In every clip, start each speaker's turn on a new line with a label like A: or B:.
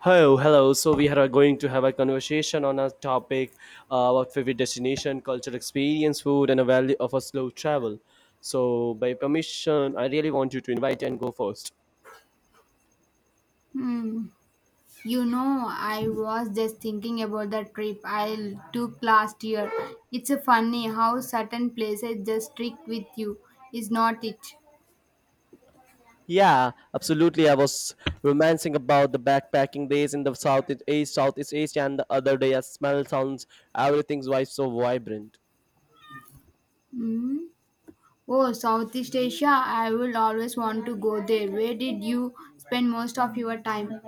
A: Hello, hello. So we are going to have a conversation on a topic about favorite destination, cultural experience, food, and a value of a slow travel. So by permission, I really want you to invite and go first.
B: Hmm. I was just thinking about the trip I took last year. It's a funny how certain places just stick with you, is not it?
A: Yeah, absolutely. I was romancing about the backpacking days in the Southeast East, Southeast Asia, and the other day. I smell sounds. Everything's why so vibrant.
B: Hmm. Oh, Southeast Asia, I will always want to go there. Where did you spend most of your time?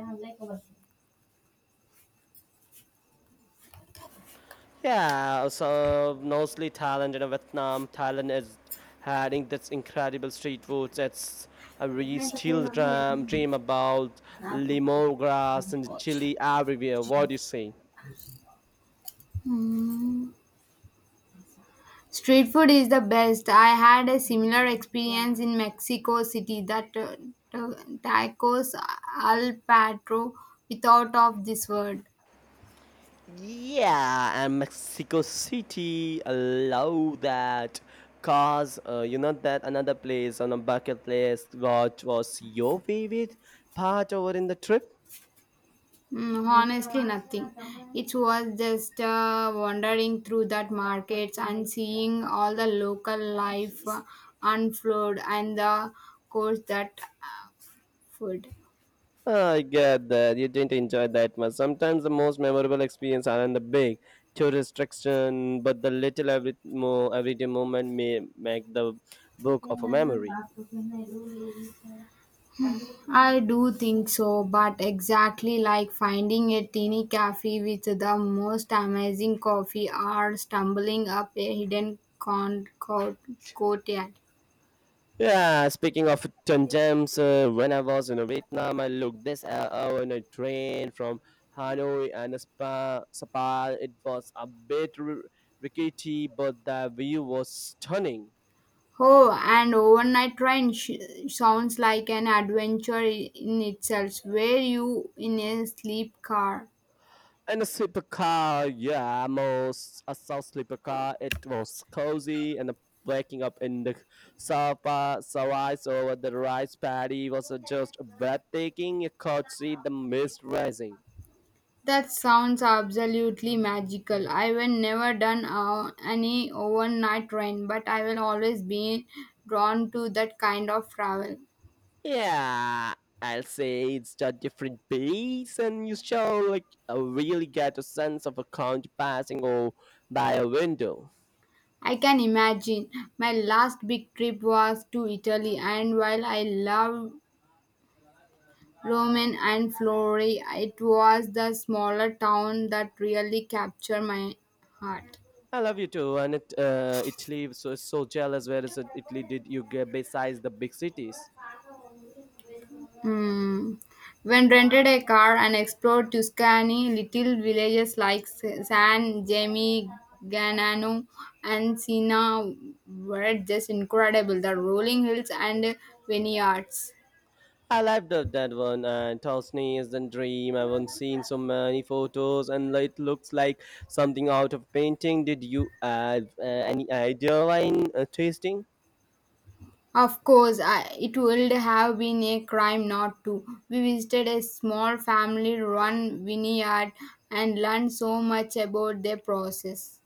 A: Yeah, so mostly Thailand and Vietnam. Thailand is having this incredible street foods. It's we still dream about lemongrass and chili everywhere. What do you say?
B: Hmm. Street food is the best. I had a similar experience in Mexico City that ta- tacos al pastor without of this word.
A: Yeah, and Mexico City. I love that. Cause you know that another place on a bucket list. What was your favorite part over in the trip?
B: Honestly, nothing. It was just wandering through that markets and seeing all the local life unfold and the course that food.
A: I get that. You didn't enjoy that much. Sometimes the most memorable experience aren't the big tourist attraction, but the little every mo everyday moment may make the book of a memory.
B: I do think so, but exactly like finding a teeny cafe with the most amazing coffee or stumbling up a hidden courtyard.
A: Yeah, speaking of hidden gems, when I was in Vietnam, I looked this hour in a train from Hanoi and a spa. It was a bit rickety, but the view was stunning.
B: Oh, and overnight train sounds like an adventure in itself, where you in a sleep car.
A: In a sleeper car, yeah, I saw car. It was cozy and waking up in the sofa, so eyes over the rice paddy was just breathtaking. You could see the mist rising.
B: That sounds absolutely magical. I will never done any overnight train, but I will always be drawn to that kind of travel.
A: Yeah, I'll say it's a different pace, and you shall like really get a sense of a country passing or by a window.
B: I can imagine. My last big trip was to Italy, and while I love Rome and Florence, it was the smaller town that really captured my heart.
A: I love you too, and it, Italy so so jealous. Where is it, Italy? Did you get besides the big cities?
B: Hmm. When rented a car and explored Tuscany, little villages like San Gemi, Ganano, and Sina were just incredible. The rolling hills and vineyards.
A: I loved up that one. And Tosni is the dream. I've not seen so many photos, and it looks like something out of painting. Did you have any idea wine tasting?
B: Of course, it would have been a crime not to. We visited a small family run vineyard and learned so much about their process.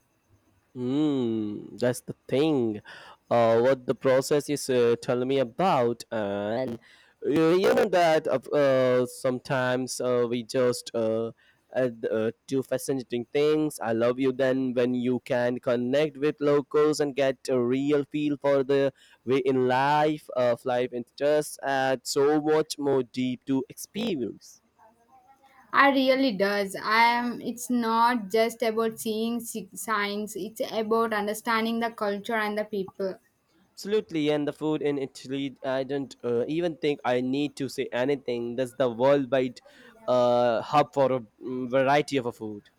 A: That's the thing. What the process is telling me about, and you know that sometimes we just add, do fascinating things. I love you then when you can connect with locals and get a real feel for the way in life of life, and just add so much more deep to experience.
B: I really does. I am it's not just about seeing signs, it's about understanding the culture and the people.
A: Absolutely, and the food in Italy, I don't even think I need to say anything. That's the worldwide hub for a variety of a food.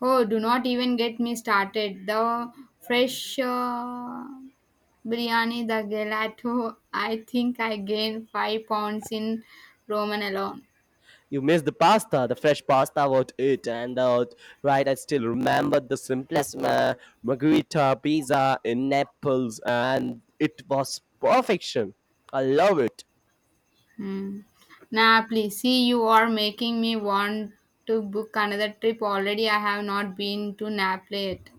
B: Oh, do not even get me started. The fresh biryani, the gelato, I think I gained 5 pounds in Roman alone.
A: You miss the pasta, the fresh pasta, what it and out. Right, I still remember the simplest margherita pizza in Naples, and it was perfection. I love it.
B: Hmm. Nah, please. See, you are making me want to book another trip already. I have not been to Naples yet.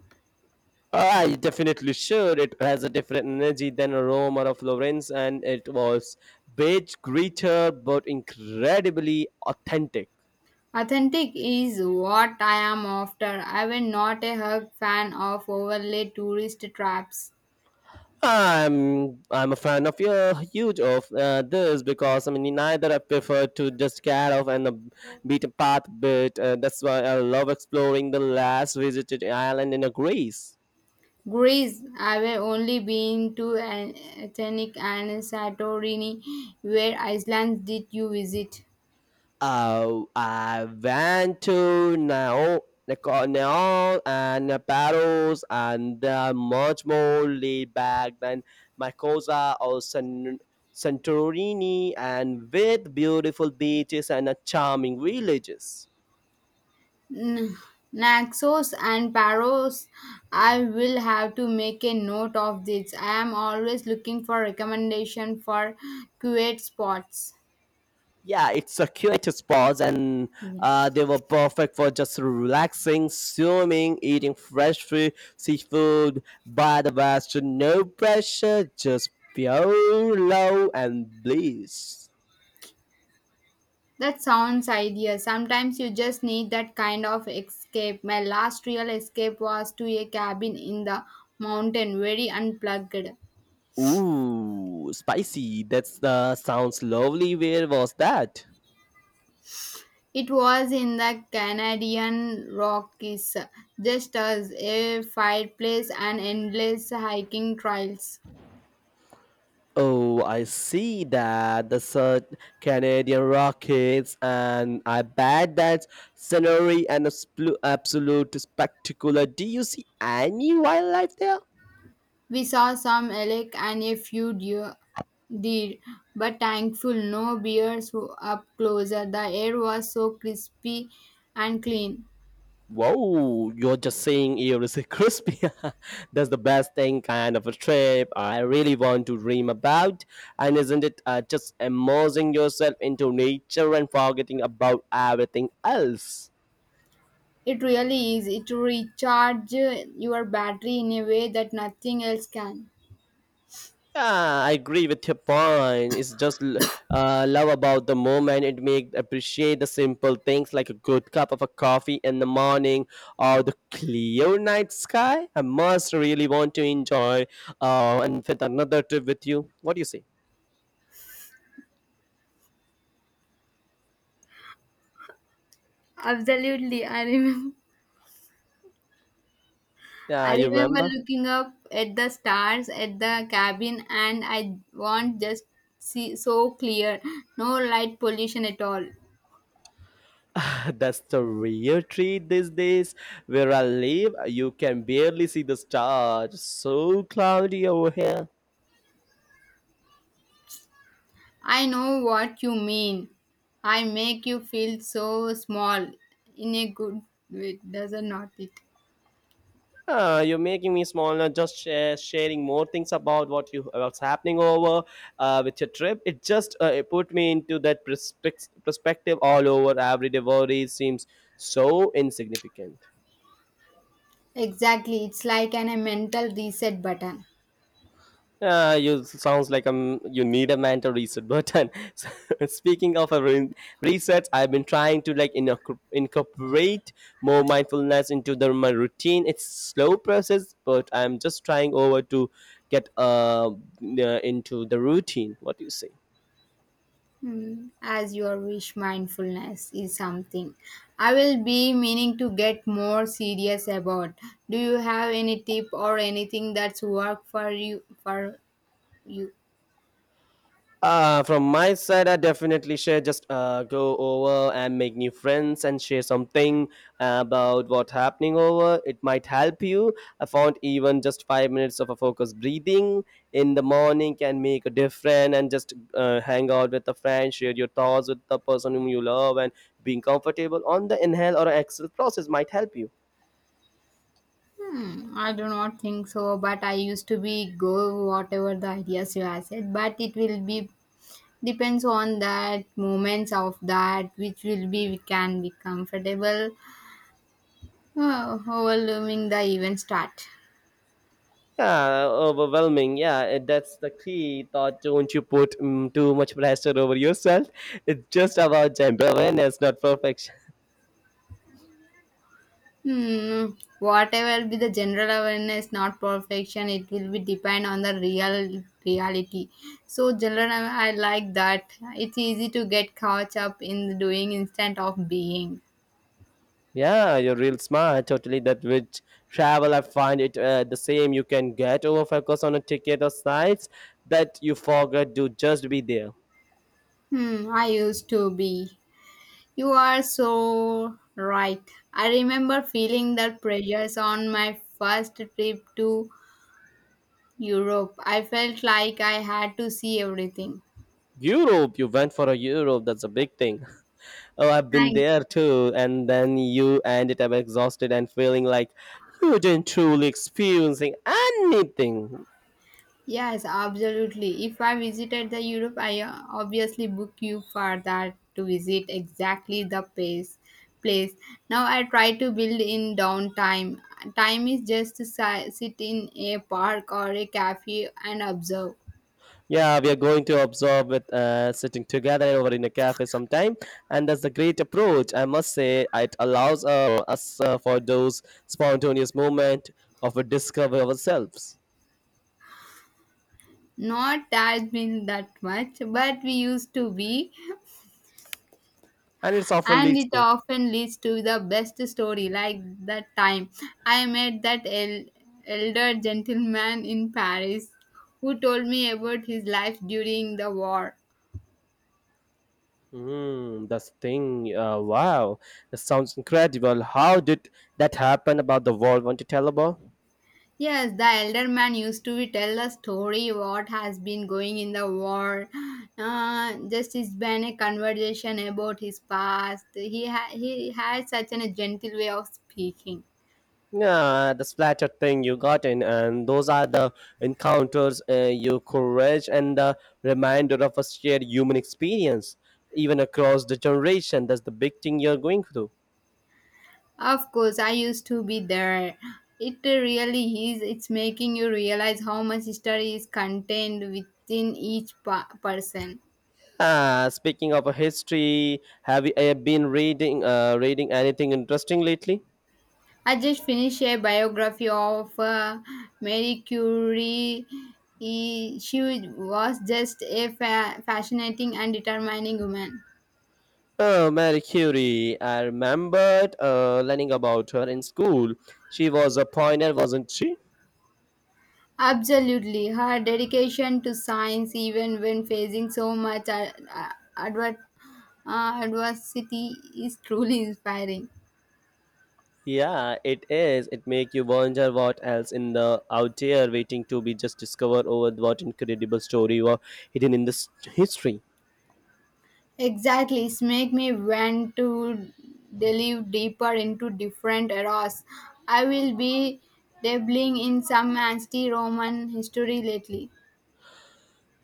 A: I definitely should. It has a different energy than a Rome or a Florence, and it was bit greater but incredibly authentic.
B: Authentic is what I am after. I am not a hug fan of overlay tourist traps.
A: I'm a fan of your huge of this because I mean neither I prefer to just get off and beat a path bit. That's why I love exploring the last visited island in Greece.
B: Greece, I have only been to Athens and Santorini. Where islands did you visit?
A: I went to Nao, Neon and Barrows, and they are much more laid back than Mykosa or Santorini, and with beautiful beaches and charming villages.
B: N- Naxos and Paros. I will have to make a note of this. I am always looking for recommendation for quiet spots.
A: Yeah, it's a spots, and
B: Yeah.
A: they were perfect for just relaxing, swimming, eating fresh fruit, seafood, by the best, no pressure, just pure love and bliss.
B: That sounds ideal. Sometimes you just need that kind of escape. My last real escape was to a cabin in the mountain, very unplugged.
A: Ooh, spicy. That's the sounds lovely. Where was that?
B: It was in the Canadian Rockies, just as a fireplace and endless hiking trails.
A: Oh, I see that. The such Canadian Rockets, and I bet that scenery and a absolute spectacular. Do you see any wildlife there?
B: We saw some elk and a few deer, but thankful no bears were up closer. The air was so crispy and clean.
A: Whoa, you're just saying everything crispy. That's the best thing kind of a trip I really want to dream about. And isn't it just immersing yourself into nature and forgetting about everything else?
B: It really is. It recharges your battery in a way that nothing else can.
A: Yeah, I agree with your point. It's just love about the moment. It make appreciate the simple things like a good cup of a coffee in the morning or the clear night sky. I must really want to enjoy and fit another trip with you. What do you say?
B: Absolutely. I remember
A: Yeah,
B: I
A: you
B: remember
A: remember?
B: looking up at the stars at the cabin and I want just see so clear. No light pollution at all.
A: That's the real treat these days. Where I live, you can barely see the stars. So cloudy over here.
B: I know what you mean. I make you feel so small in a good way, doesn't not it?
A: You're making me smaller. Just sharing more things about what you what's happening over with your trip. It just it put me into that perspective all over. Everyday worry seems so insignificant.
B: Exactly. It's like a mental reset button.
A: You sounds like you need a mental reset button. So, speaking of a reset, I've been trying to like incorporate more mindfulness into the, my routine. It's slow process, but I'm just trying over to get into the routine. What do you say?
B: As your wish mindfulness is something I will be meaning to get more serious about. Do you have any tip or anything that's worked for you you?
A: From my side, I definitely share. Just go over and make new friends and share something about what's happening over. It might help you. I found even just 5 minutes of a focused breathing in the morning can make a difference. And just hang out with a friend, share your thoughts with the person whom you love, and being comfortable on the inhale or exhale process might help you.
B: I do not think so, but I used to be go whatever the ideas you have said, but it will be depends on that moments of that which will be we can be comfortable overwhelming the event start.
A: Yeah, overwhelming. Yeah, and that's the key thought. Don't you put too much pressure over yourself. It's just about gender awareness, not perfection.
B: Hmm. Whatever be the general awareness not perfection, it will be depend on the real reality, so general I like that. It's easy to get caught up in doing instead of being.
A: Yeah, you're real smart. Totally. That which travel, I find it the same. You can get over focus on a ticket or sites that you forgot to just be there.
B: I used to be. You are so right. I remember feeling the pressures on my first trip to Europe. I felt like I had to see everything.
A: Europe, you went for a Europe. That's a big thing. Oh, I've been
B: Thank.
A: there too and then you ended up exhausted and feeling like you didn't truly experiencing anything.
B: Yes, absolutely. If I visited the Europe, I obviously book you for that to visit exactly the place. Place. Now I try to build in downtime. Time is just to sit in a park or a cafe and observe.
A: Yeah, we are going to observe with sitting together over in a cafe sometime, and that's a great approach. I must say, it allows us for those spontaneous moment of a discover ourselves,
B: Not that been that much, but we used to be.
A: and it's often
B: And
A: leads
B: it
A: to.
B: often leads to the best story, like that time I met that elder gentleman in Paris who told me about his life during the war.
A: Hmm, that's the thing. Wow, that sounds incredible. How did that happen? About the world, want to tell about?
B: Yes, the elder man used to tell a story what has been going in the war. Just it's been a conversation about his past. He had such a gentle way of speaking.
A: Yeah, the splatter thing you got in, and those are the encounters, your courage, and the reminder of a shared human experience, even across the generation. That's the big thing you're going through.
B: Of course, I used to be there. It really is. It's making you realize how much history is contained within each person.
A: Ah, speaking of a history, have you been reading anything interesting lately?
B: I just finished a biography of Marie Curie. She was just a fascinating and determining woman.
A: Oh, Mary Curie. I remembered learning about her in school. She was a pioneer, wasn't she?
B: Absolutely. Her dedication to science, even when facing so much adver- adversity, is truly inspiring.
A: Yeah, it is. It make you wonder what else in the out there waiting to be just discovered over what incredible story were hidden in this history.
B: Exactly, it's make me want to delve deeper into different eras. I will be dabbling in some anti-Roman history lately.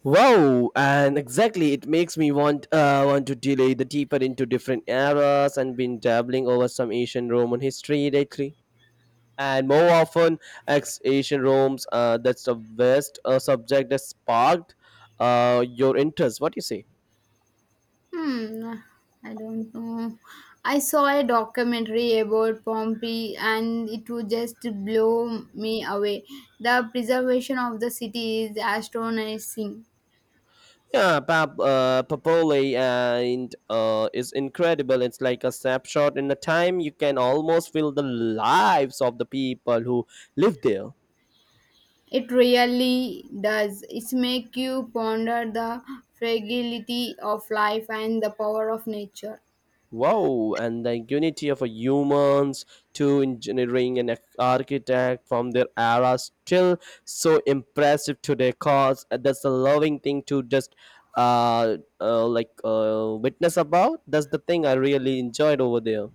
A: Wow, and exactly, it makes me want to delay the deeper into different eras and been dabbling over some ancient Roman history lately. And more often, ex ancient Rome's that's the best subject that sparked your interest. What do you say?
B: Hmm, I don't know. I saw a documentary about Pompeii and it would just blow me away. The preservation of the city is astonishing.
A: Yeah, Pap, Papole and is incredible. It's like a snapshot in the time. You can almost feel the lives of the people who live there.
B: It really does. It's make you ponder the fragility of life and the power of nature.
A: Wow, and the unity of a humans to engineering and architect from their era still so impressive today. Cause that's a loving thing to just witness about. That's the thing I really enjoyed over there.